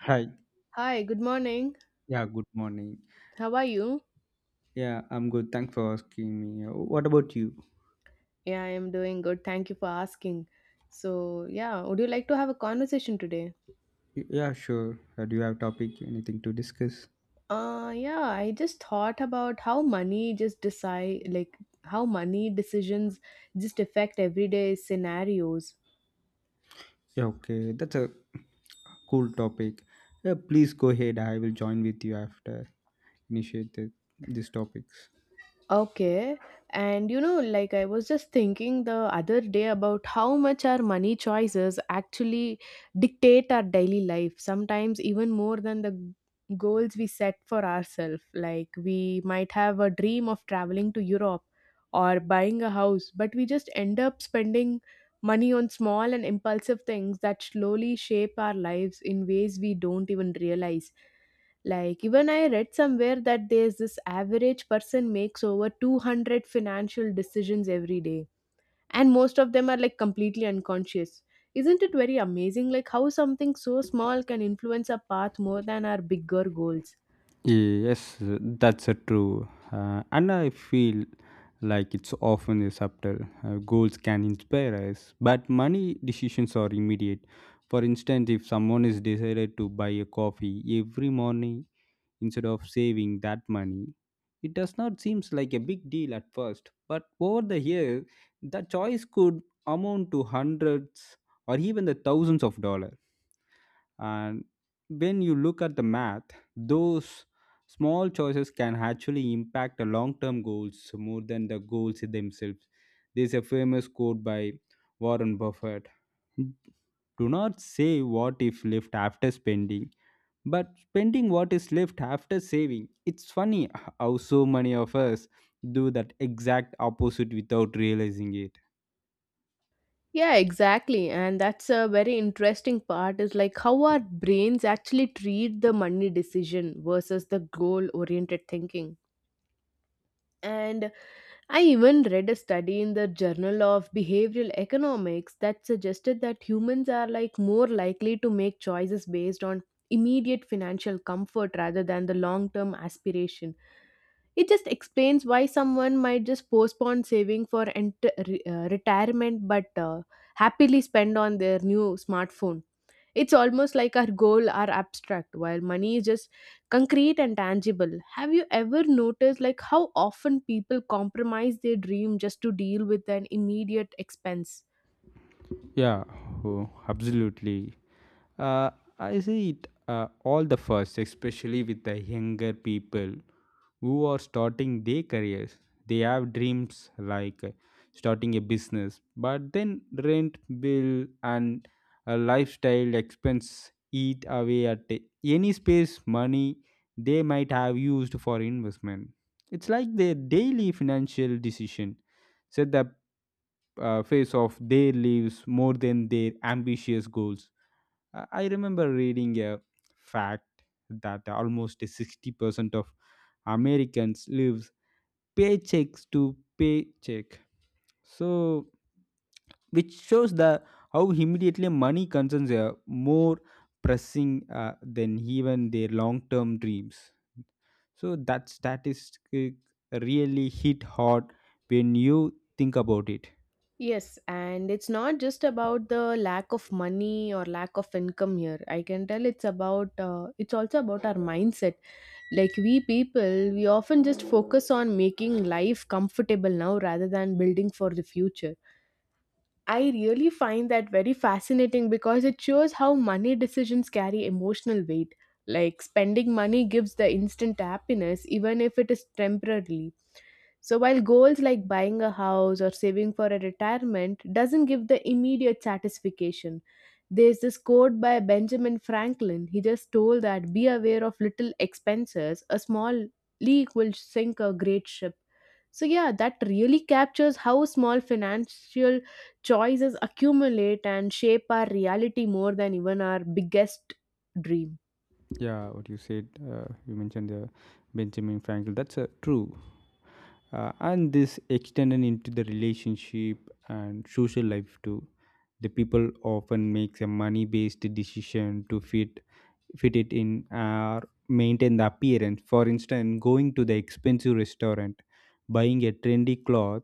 Hi. Hi, good morning. Yeah, good morning. How are you? Yeah, I'm good. Thanks for asking me. What about you? Yeah, I am doing good. Thank you for asking. So, yeah, would you like to have a conversation today? Yeah, sure. Do you have topic anything to discuss? Yeah, I just thought about how money just decide like how money decisions just affect everyday scenarios. Yeah, okay. That's a cool topic. Yeah, please go ahead. I will join with you after initiate the, these topics. Okay. And you know, like I was just thinking the other day about how much our money choices actually dictate our daily life, sometimes even more than the goals we set for ourselves. Like we might have a dream of traveling to Europe or buying a house, but we just end up spending money on small and impulsive things that slowly shape our lives in ways we don't even realize. Like even I read somewhere that there's this average person makes over 200 financial decisions every day and most of them are like completely unconscious. Isn't it very amazing like how something so small can influence our path more than our bigger goals? Yes, that's a true. And I feel like it's often a subtle. Goals can inspire us, but money decisions are immediate. For instance, if someone is decided to buy a coffee every morning instead of saving that money, it does not seems like a big deal at first. But over the years, the choice could amount to hundreds or even the thousands of dollars, and when you look at the math, those small choices can actually impact the long-term goals more than the goals themselves. There's a famous quote by Warren Buffett: do not say what if left after spending, but spending what is left after saving. It's funny how so many of us do that exact opposite without realizing it. Yeah, exactly. And that's a very interesting part is like how our brains actually treat the money decision versus the goal oriented thinking. And I even read a study in the Journal of Behavioral Economics that suggested that humans are like more likely to make choices based on immediate financial comfort rather than the long-term aspiration. It just explains why someone might just postpone saving for retirement but happily spend on their new smartphone. It's almost like our goal are abstract while money is just concrete and tangible. Have you ever noticed like how often people compromise their dream just to deal with an immediate expense? Yeah. Oh, absolutely. Uh, I see it all the first, especially with the younger people who are starting their careers. They have dreams like starting a business, but then rent, bill, and a lifestyle expense eat away at any space money they might have used for investment. It's like their daily financial decision set the face of their lives more than their ambitious goals. I remember reading a fact that almost 60% of Americans lives paychecks to paycheck. So which shows the how immediately money concerns are more pressing than even their long-term dreams. So that statistic really hit hard when you think about it. Yes, and it's not just about the lack of money or lack of income here. I can tell it's about it's also about our mindset. Like we people, we often just focus on making life comfortable now rather than building for the future. I really find that very fascinating because it shows how money decisions carry emotional weight. Like spending money gives the instant happiness, even if it is temporarily. So while goals like buying a house or saving for a retirement doesn't give the immediate satisfaction. There's this quote by Benjamin Franklin. He just told that be aware of little expenses, a small leak will sink a great ship. So, yeah, that really captures how small financial choices accumulate and shape our reality more than even our biggest dream. Yeah, what you said, you mentioned the Benjamin Franklin. That's true, and this extended into the relationship and social life too. The people often makes a money-based decision to fit it in or maintain the appearance. For instance, going to the expensive restaurant, buying a trendy cloth,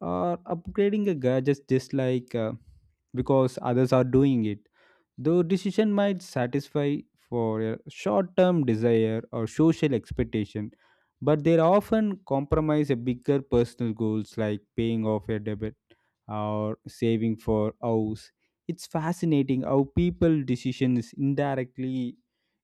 or upgrading a gadget just like because others are doing it. Though decision might satisfy for a short-term desire or social expectation, but they often compromise a bigger personal goals like paying off a debt or saving for house. It's fascinating how people decisions indirectly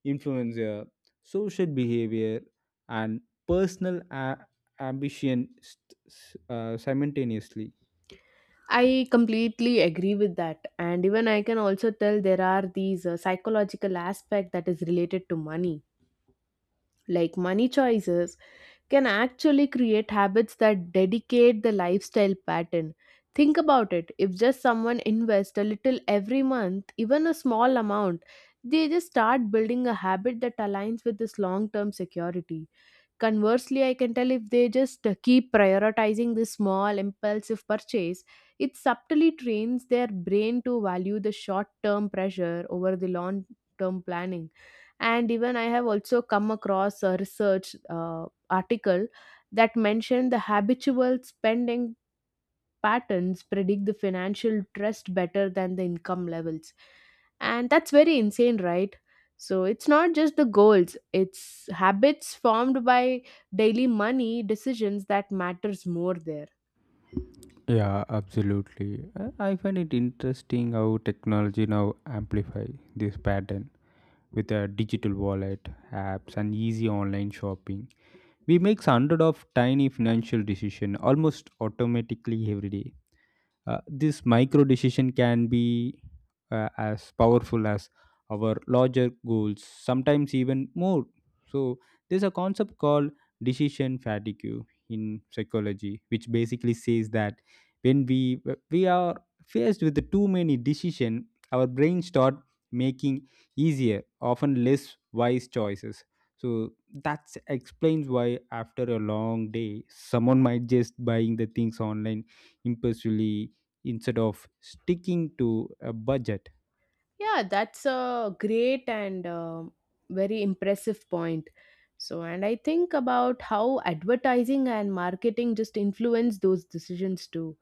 influencer, social behavior, and personal ambition simultaneously. I completely agree with that. And even I can also tell there are these psychological aspect that is related to money like money choices, can actually create habits that dedicate the lifestyle pattern. Think about it. If just someone invests a little every month, even a small amount, they just start building a habit that aligns with this long term security. Conversely, I can tell if they just keep prioritizing the small impulsive purchase, it subtly trains their brain to value the short term pressure over the long term planning. And even I have also come across a research article that mentioned the habitual spending patterns predict the financial trust better than the income levels, and that's very insane, right? So it's not just the goals, it's habits formed by daily money decisions that matters more there. Yeah, absolutely. I find it interesting how technology now amplify this pattern with a digital wallet, apps, and easy online shopping. We make hundred of tiny financial decision almost automatically every day. This micro decision can be as powerful as our larger goals, sometimes even more. So, there's a concept called decision fatigue in psychology, which basically says that when we are faced with too many decisions, our brain start making easier, often less wise choices. So that explains why after a long day, someone might just buying the things online impulsively instead of sticking to a budget. Yeah, that's a great and very impressive point. So, and I think about how advertising and marketing just influence those decisions too.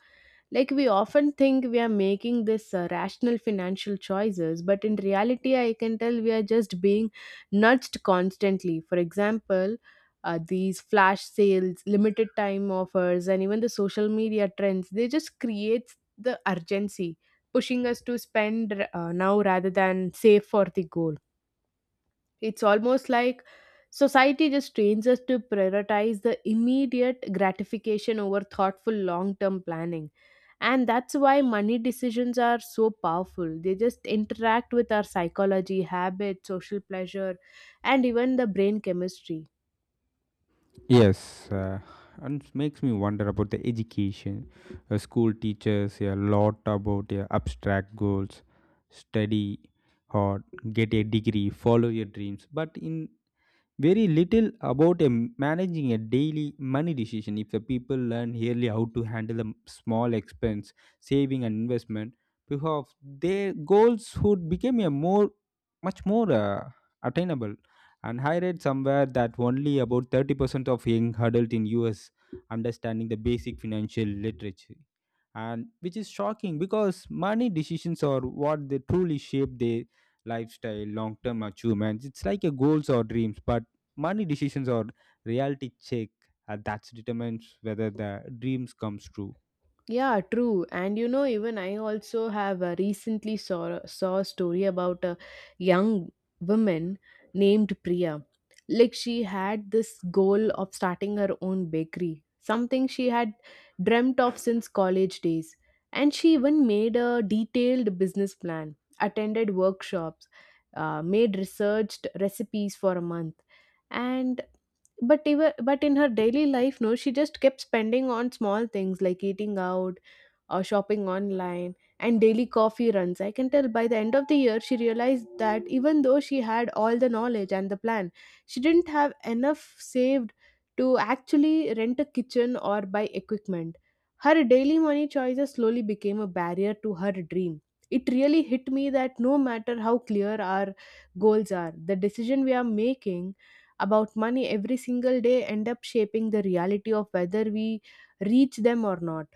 Like we often think we are making this rational financial choices, but in reality, I can tell we are just being nudged constantly. For example, these flash sales, limited time offers, and even the social media trends, they just creates the urgency, pushing us to spend now rather than save for the goal. It's almost like society just trains us to prioritize the immediate gratification over thoughtful long term planning. And that's why money decisions are so powerful. They just interact with our psychology, habits, social pleasure, and even the brain chemistry. Yes, and it makes me wonder about the education. School teaches a lot about your abstract goals, study hard, get a degree, follow your dreams. But in very little about managing a daily money decision. If the people learn really how to handle small expense, saving and investment, because their goals would become a more much more attainable. And I read somewhere that only about 30% of young adults in us understanding the basic financial literature, and which is shocking because money decisions are what they truly shape their lifestyle long term achievements. It's like a goals or dreams, but money decisions or reality check that determines whether the dreams comes true. Yeah, true. And you know, even I also have recently saw a story about a young woman named Priya. Like she had this goal of starting her own bakery, something she had dreamt of since college days. And she even made a detailed business plan, attended workshops, made researched recipes for a month. And but even but in her daily life, no, she just kept spending on small things like eating out, shopping online, and daily coffee runs. I can tell by the end of the year, she realized that even though she had all the knowledge and the plan, she didn't have enough saved to actually rent a kitchen or buy equipment. Her daily money choices slowly became a barrier to her dream. It really hit me that no matter how clear our goals are, the decision we are making about money every single day end up shaping the reality of whether we reach them or not.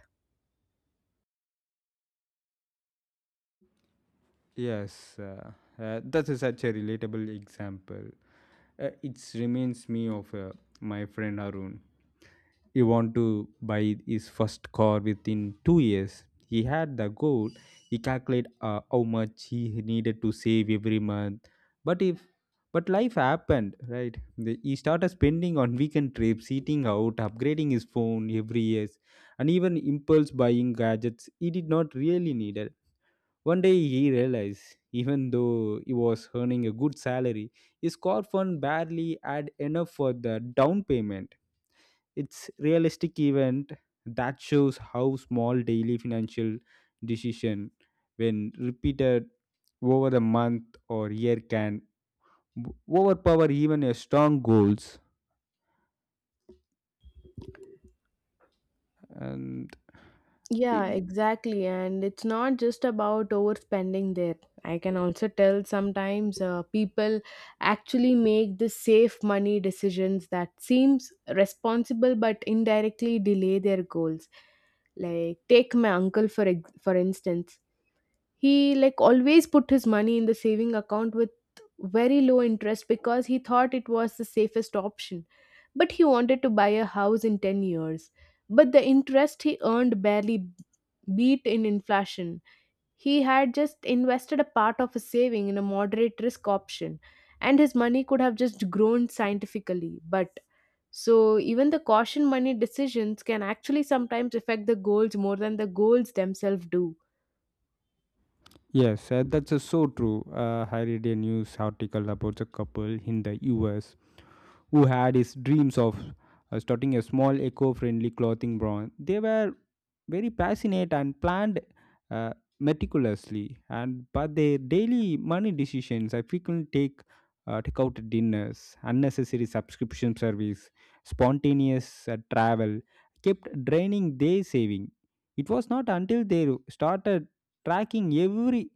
Yes, that is such a relatable example. It reminds me of my friend Arun. He want to buy his first car within 2 years. He had the goal. He calculate how much he needed to save every month. But if But life happened, right? He started spending on weekend trips, eating out, upgrading his phone every year, and even impulse buying gadgets he did not really need it. One day he realized, even though he was earning a good salary, his car fund barely had enough for the down payment. It's realistic event that shows how small daily financial decision, when repeated over the month or year, can w- overpower even a strong goals. and Yeah, i- exactly. And it's not just about overspending there. I can also tell sometimes people actually make the safe money decisions that seems responsible but indirectly delay their goals. Like take my uncle for instance, he like always put his money in the saving account with very low interest because he thought it was the safest option, but he wanted to buy a house in 10 years, but the interest he earned barely beat in inflation. He had just invested a part of his saving in a moderate risk option, and his money could have just grown scientifically. But so even the caution money decisions can actually sometimes affect the goals more than the goals themselves do. yes, that's so true. I read a news article about a couple in the us who had his dreams of starting a small eco-friendly clothing brand. They were very passionate and planned uh, meticulously, and but their daily money decisions I frequently take take out dinners, unnecessary subscription service, spontaneous travel kept draining their saving. It was not until they started tracking every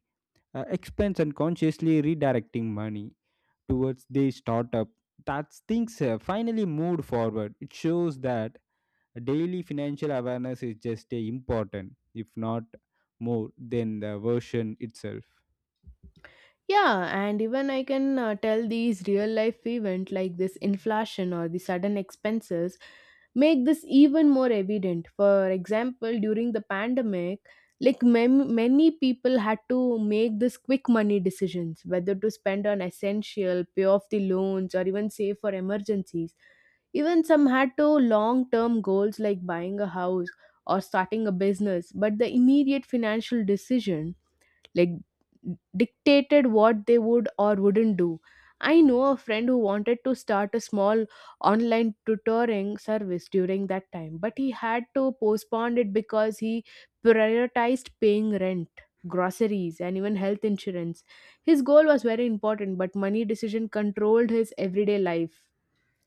expense and consciously redirecting money towards the startup that things have finally moved forward. It shows that daily financial awareness is just a important, if not more than the version itself. Yeah, and even I can tell these real life event like this inflation or the sudden expenses make this even more evident. For example, during the pandemic, many people had to make this quick money decisions whether to spend on essential, pay off the loans, or even save for emergencies. Even some had to long term goals like buying a house or starting a business, but the immediate financial decision like dictated what they would or wouldn't do. I know a friend who wanted to start a small online tutoring service during that time, but he had to postpone it because he prioritized paying rent, groceries, and even health insurance. His goal was very important, but money decision controlled his everyday life.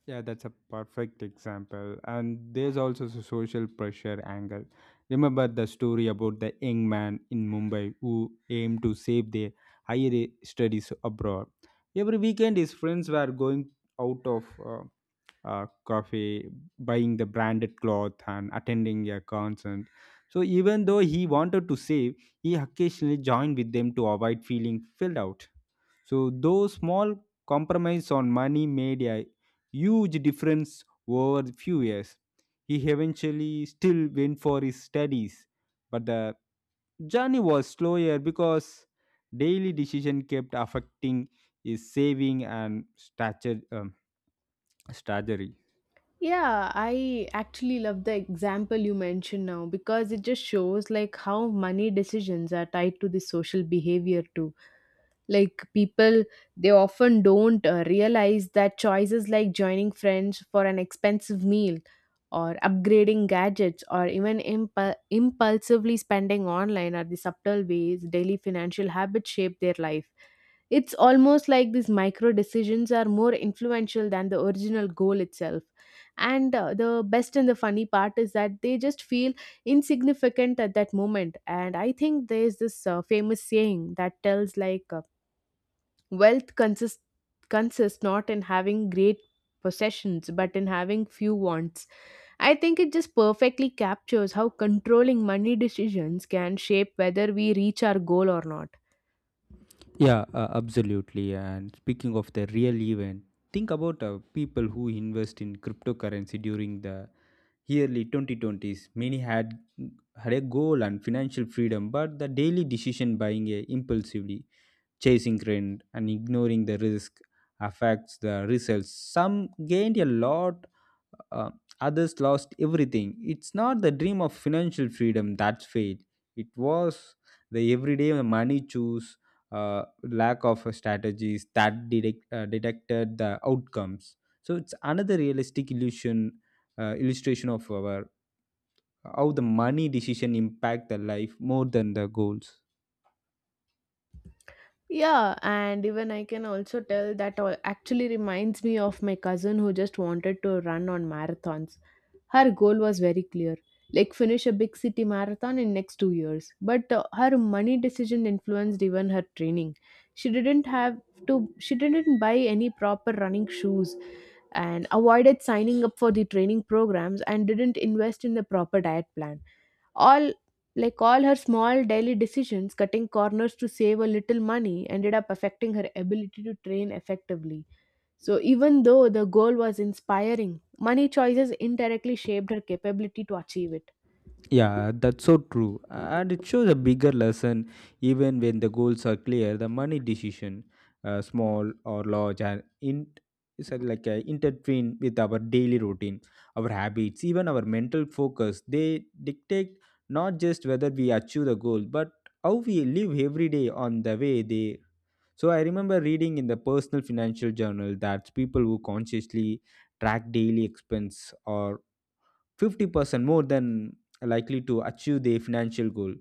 Yeah, that's a perfect example. And there's also the social pressure angle. Remember the story about the young man in Mumbai who aimed to save their higher studies abroad. Every weekend, his friends were going out of coffee, buying the branded cloth, and attending a concert. So even though he wanted to save, he occasionally joined with them to avoid feeling filled out. So those small compromise on money made a huge difference over the few years. He eventually still went for his studies, but the journey was slower because daily decision kept affecting his saving and stature, strategy. Yeah, I actually love the example you mentioned now because it just shows like how money decisions are tied to the social behavior too. Like people, they often don't realize that choices like joining friends for an expensive meal or upgrading gadgets or even impulsively spending online are the subtle ways daily financial habits shape their life. It's almost like these micro decisions are more influential than the original goal itself. And the best and the funny part is that they just feel insignificant at that moment. And I think there's this famous saying that tells like wealth consists not in having great possessions but in having few wants. I think it just perfectly captures how controlling money decisions can shape whether we reach our goal or not. Yeah, absolutely. And speaking of the real event, think about people who invest in cryptocurrency during the early 2020s, many had a goal and financial freedom, but the daily decision buying a impulsively, chasing trend, and ignoring the risk affects the results. Some gained a lot, uh, others lost everything. It's not the dream of financial freedom that failed, it was the everyday money choose, lack of strategies that detected the outcomes. So it's another realistic illusion illustration of our how the money decision impact the life more than the goals. Yeah, and even I can also tell that all actually reminds me of my cousin who just wanted to run on marathons. Her goal was very clear, like finish a big city marathon in next 2 years, but her money decision influenced even her training. She didn't have to she didn't buy any proper running shoes and avoided signing up for the training programs and didn't invest in the proper diet plan. All like all her small daily decisions cutting corners to save a little money ended up affecting her ability to train effectively. So even though the goal was inspiring, money choices indirectly shaped her capability to achieve it. Yeah, that's so true. And it shows a bigger lesson: even when the goals are clear, the money decision, small or large, and in it's intertwined with our daily routine, our habits, even our mental focus. They dictate not just whether we achieve the goal, but how we live every day on the way they. So I remember reading in the personal financial journal that people who consciously track daily expense or 50% more than likely to achieve their financial goal,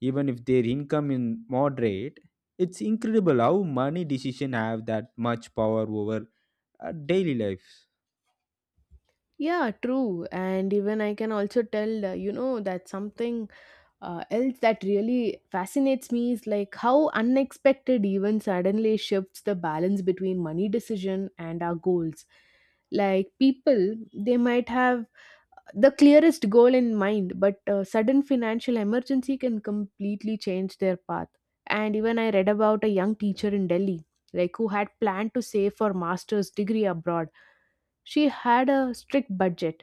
even if their income is moderate. It's incredible how money decisions have that much power over our daily lives. Yeah, true. And even I can also tell you know that something else that really fascinates me is like how unexpected even suddenly shifts the balance between money decision and our goals. Like people, they might have the clearest goal in mind, but a sudden financial emergency can completely change their path. And even I read about a young teacher in Delhi, like who had planned to save for master's degree abroad. She had a strict budget.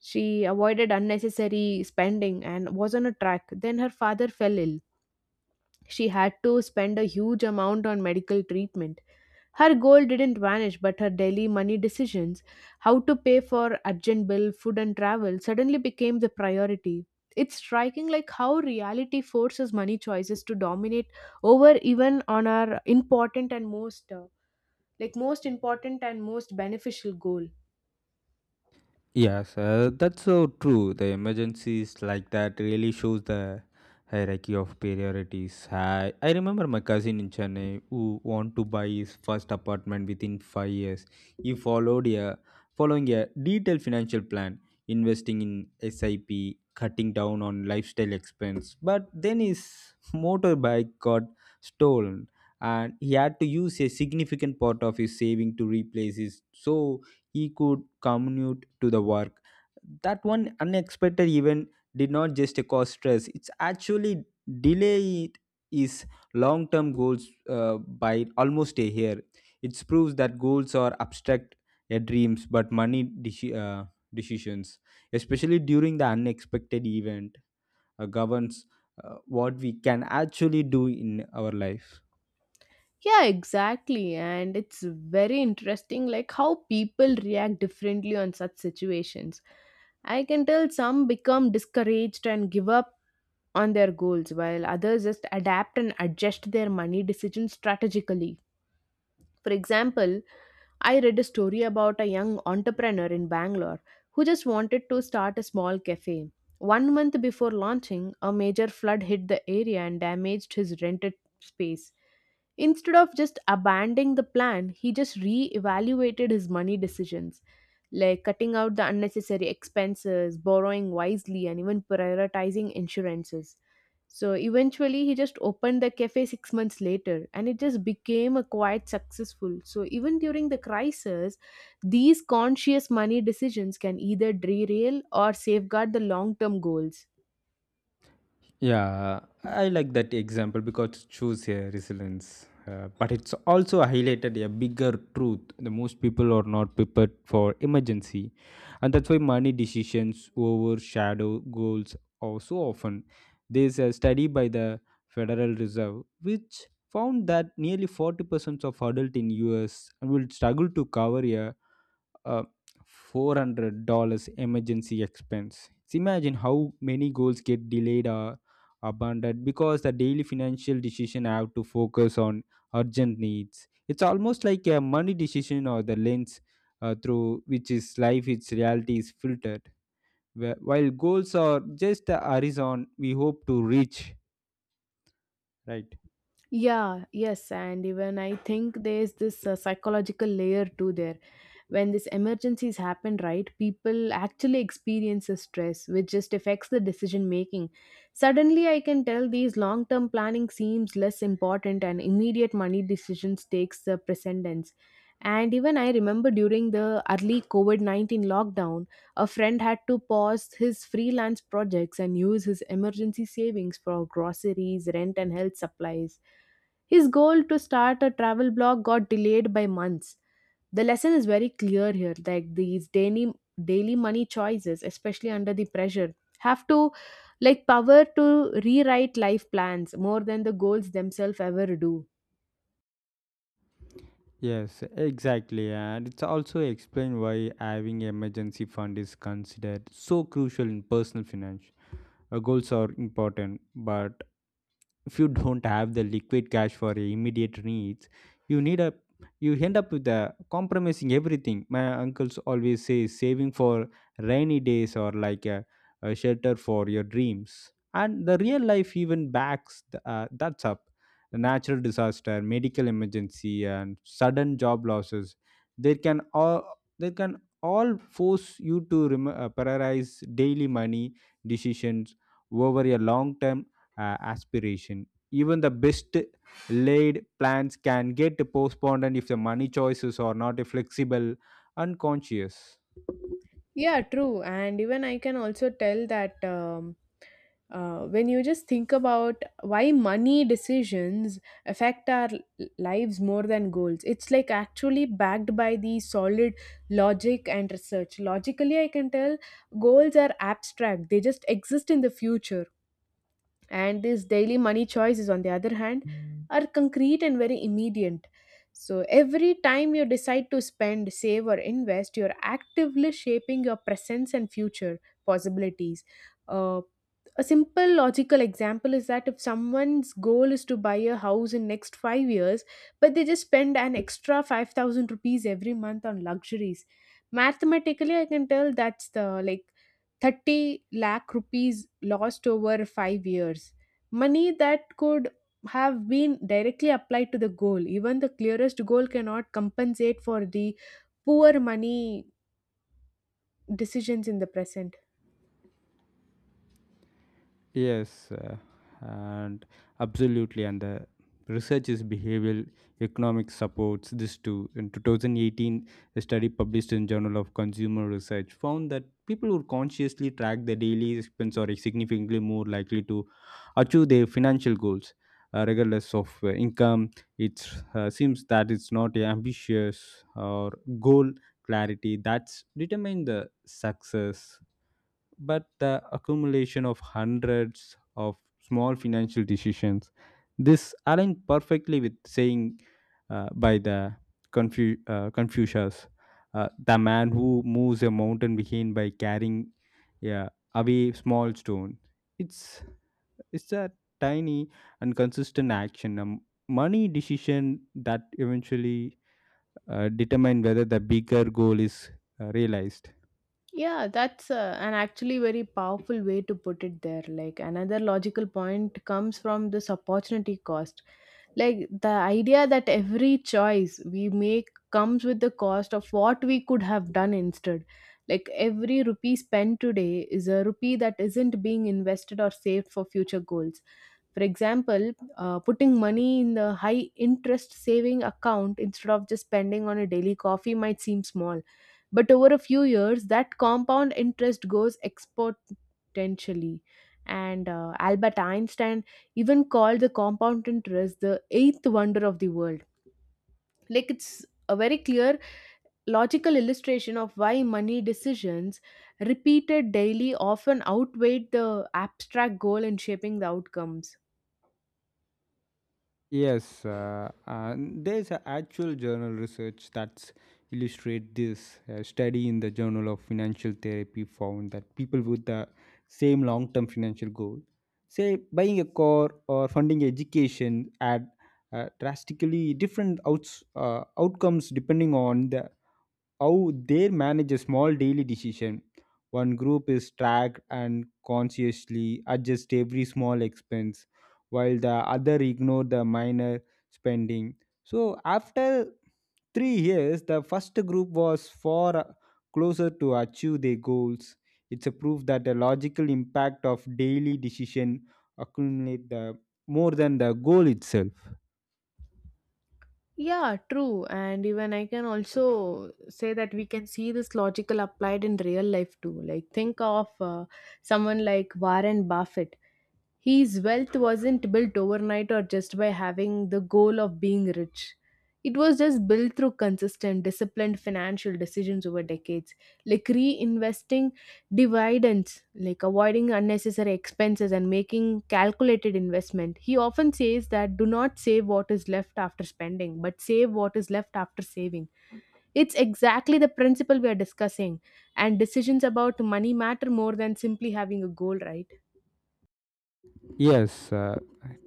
She avoided unnecessary spending and was on a track. Then her father fell ill. She had to spend a huge amount on medical treatment. Her goal didn't vanish, but her daily money decisions, how to pay for urgent bill, food and travel, suddenly became the priority. It's striking like how reality forces money choices to dominate over even on our important and most important and most beneficial goal. Yes, that's so true. The emergencies like that really shows the hierarchy of priorities. I remember my cousin in Chennai who wanted to buy his first apartment within 5 years. He followed a following a detailed financial plan, investing in SIP, cutting down on lifestyle expense. But then his motorbike got stolen, and he had to use a significant part of his saving to replace his, so he could commute to the work. That one unexpected event did not just cause stress, it's actually delayed his long term goals by almost a year. It proves that goals are abstract dreams, but money decisions, especially during the unexpected event, governs what we can actually do in our life. Yeah, exactly. And it's very interesting like how people react differently on such situations. I can tell some become discouraged and give up on their goals while others just adapt and adjust their money decisions strategically. For example, I read a story about a young entrepreneur in Bangalore who just wanted to start a small cafe. 1 month before launching, a major flood hit the area and damaged his rented space. Instead of just abandoning the plan, he just re evaluated his money decisions, like cutting out the unnecessary expenses, borrowing wisely, and even prioritizing insurances, so eventually, he just opened the cafe 6 months later, and it just became a quite successful. So even during the crisis, these conscious money decisions can either derail or safeguard the long-term goals. Yeah, I like that example because it shows a resilience. But it's also highlighted a bigger truth. The most people are not prepared for emergency. And that's why money decisions overshadow goals or so often. There's a study by the Federal Reserve which found that nearly 40% of adults in US will struggle to cover a uh, $400 emergency expense. It's imagine how many goals get delayed or abandoned because the daily financial decision have to focus on urgent needs. It's almost like a money decision or the lens through which is life, its reality is filtered. While goals are just the horizon we hope to reach, right? Yeah, yes, and even I think there's this psychological layer too there. When these emergencies happen, right, people actually experience the stress, which just affects the decision making. Suddenly, I can tell these long term planning seems less important, and immediate money decisions takes the precedence. And even I remember during the early COVID 19 lockdown, a friend had to pause his freelance projects and use his emergency savings for groceries, rent, and health supplies. His goal to start a travel blog got delayed by months. The lesson is very clear here, like these daily money choices, especially under the pressure, have to, like, power to rewrite life plans more than the goals themselves ever do. Yes, exactly. And it's also explained why having emergency fund is considered so crucial in personal finance. Goals are important, but if you don't have the liquid cash for your immediate needs, you need a you end up with a compromising everything. My uncles always say saving for rainy days or like a shelter for your dreams. And the real life even backs that's up a natural disaster, medical emergency, and sudden job losses. They can all they can all force you to prioritize daily money decisions over your long-term aspiration. Even the best laid plans can get postponed, and if the money choices are not flexible and conscious. Yeah, true. And even I can also tell that when you just think about why money decisions affect our lives more than goals, it's like actually backed by the solid logic and research. Logically, I can tell goals are abstract, they just exist in the future, and these daily money choices on the other hand are concrete and very immediate, so every time you decide to spend, save, or invest, you're actively shaping your presence and future possibilities. Uh, a simple logical example is that if someone's goal is to buy a house in next 5 years, but they just spend an extra 5,000 rupees every month on luxuries, mathematically I can tell that's the, like, 30 lakh rupees lost over 5 years, money that could have been directly applied to the goal. Even the clearest goal cannot compensate for the poor money decisions in the present. Yes, and absolutely. And the research is behavioral economics supports this too. In 2018, a study published in Journal of Consumer Research found that people who consciously track their daily expense are significantly more likely to achieve their financial goals, regardless of income. It seems that it's not a ambitious or goal clarity that's determine the success, but the accumulation of hundreds of small financial decisions. This aligned perfectly with saying by the Confucius, the man who moves a mountain behind by carrying, yeah, away small stone. It's it's a tiny and consistent action, money decision that eventually determine whether the bigger goal is realized. Yeah, that's an actually very powerful way to put it there. Like another logical point comes from this opportunity cost. Like the idea that every choice we make comes with the cost of what we could have done instead. Like every rupee spent today is a rupee that isn't being invested or saved for future goals. For example, putting money in the high interest saving account instead of just spending on a daily coffee might seem small, but over a few years, that compound interest goes exponentially. And Albert Einstein even called the compound interest the eighth wonder of the world. Like it's a very clear logical illustration of why money decisions repeated daily often outweigh the abstract goal in shaping the outcomes. Yes, there's a actual journal research that's illustrate this. A study in the Journal of Financial Therapy found that people with the same long-term financial goal, say buying a car or funding education, had drastically different outcomes depending on the how they manage a small daily decision. One group is tracked and consciously adjust every small expense, while the other ignore the minor spending. So after 3 years, the first group was far closer to achieve their goals. It's a proof that the logical impact of daily decision accumulate the more than the goal itself. Yeah, true. And even I can also say that we can see this logical applied in real life too. Like, think of someone like Warren Buffett. His wealth wasn't built overnight or just by having the goal of being rich. It was just built through consistent, disciplined financial decisions over decades, like reinvesting dividends, like avoiding unnecessary expenses, and making calculated investment. He often says that do not save what is left after spending, but save what is left after saving. It's exactly the principle we are discussing, and decisions about money matter more than simply having a goal, right? Yes,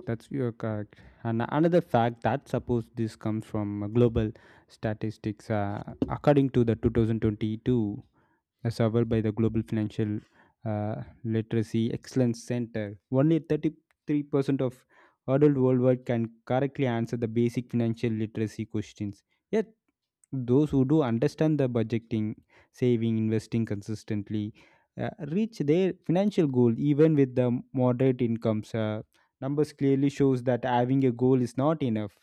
that's you're correct. And another fact that suppose this comes from global statistics, according to the 2022 a survey by the Global Financial uh, Literacy Excellence Center, only 33% of adults worldwide can correctly answer the basic financial literacy questions. Yet, those who do understand the budgeting, saving, investing consistently, uh, reach their financial goal even with the moderate incomes. Numbers clearly shows that having a goal is not enough.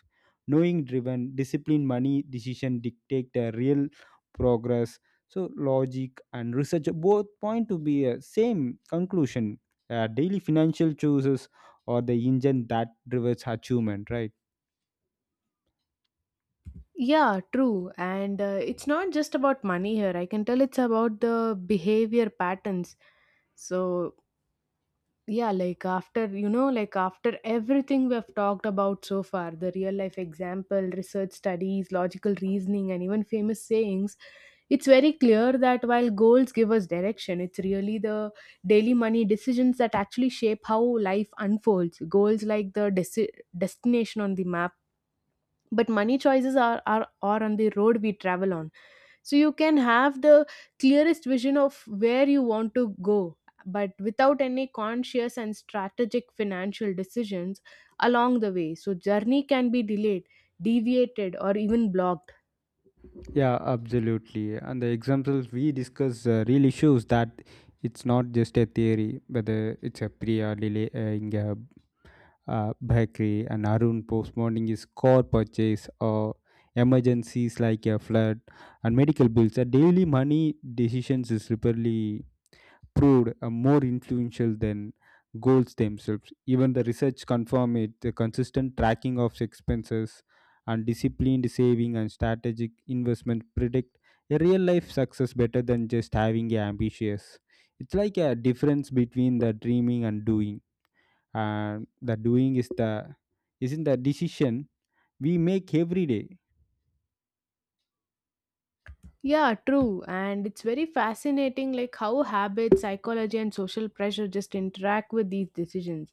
Knowing driven, disciplined money decision dictate the real progress. So logic and research both point to be a same conclusion. Daily financial choices are the engine that drives achievement, right? Yeah, true. And it's not just about money here. I can tell it's about the behavior patterns. So, yeah, like after, you know, like after everything we have talked about so far, the real life example, research studies, logical reasoning, and even famous sayings, it's very clear that while goals give us direction, it's really the daily money decisions that actually shape how life unfolds. Goals like the destination on the map. But money choices are, are on the road we travel on, so you can have the clearest vision of where you want to go, but without any conscious and strategic financial decisions along the way, so journey can be delayed, deviated, or even blocked. Yeah, absolutely. And the examples we discuss really shows that it's not just a theory, whether it's a Priya delaying a bakery and Arun postponing his car purchase, or emergencies like a flood and medical bills. The daily money decisions is repeatedly proved more influential than goals themselves. Even the research confirmed it. The consistent tracking of expenses and disciplined saving and strategic investment predict a real life success better than just having a ambitious. It's like a difference between the dreaming and doing. And the doing is the isn't the decision we make every day. Yeah, true. And it's very fascinating like how habits, psychology, and social pressure just interact with these decisions.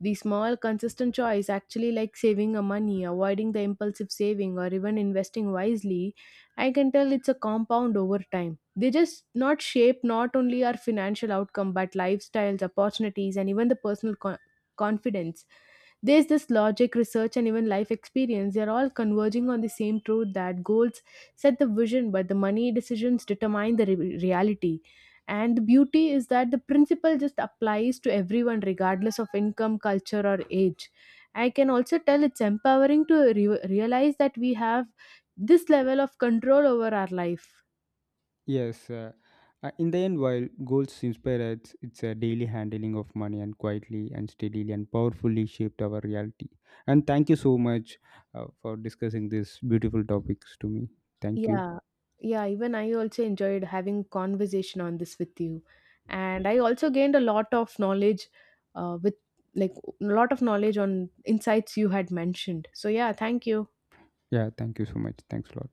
The small consistent choice actually, like saving a money, avoiding the impulsive saving, or even investing wisely, I can tell it's a compound over time. They just not shape not only our financial outcome but lifestyles, opportunities, and even the personal confidence. There's this logic, research, and even life experience. They're all converging on the same truth that goals set the vision, but the money decisions determine the reality. And the beauty is that the principle just applies to everyone, regardless of income, culture, or age. I can also tell it's empowering to realize that we have this level of control over our life. Yes, in the end, while goals inspire us, it's a daily handling of money, and quietly and steadily and powerfully shaped our reality. And thank you so much for discussing these beautiful topics to me. Thank you. Yeah, yeah, even I also enjoyed having conversation on this with you. And I also gained a lot of knowledge, with, like, a lot of knowledge on insights you had mentioned. So yeah, thank you. Yeah, thank you so much. Thanks a lot.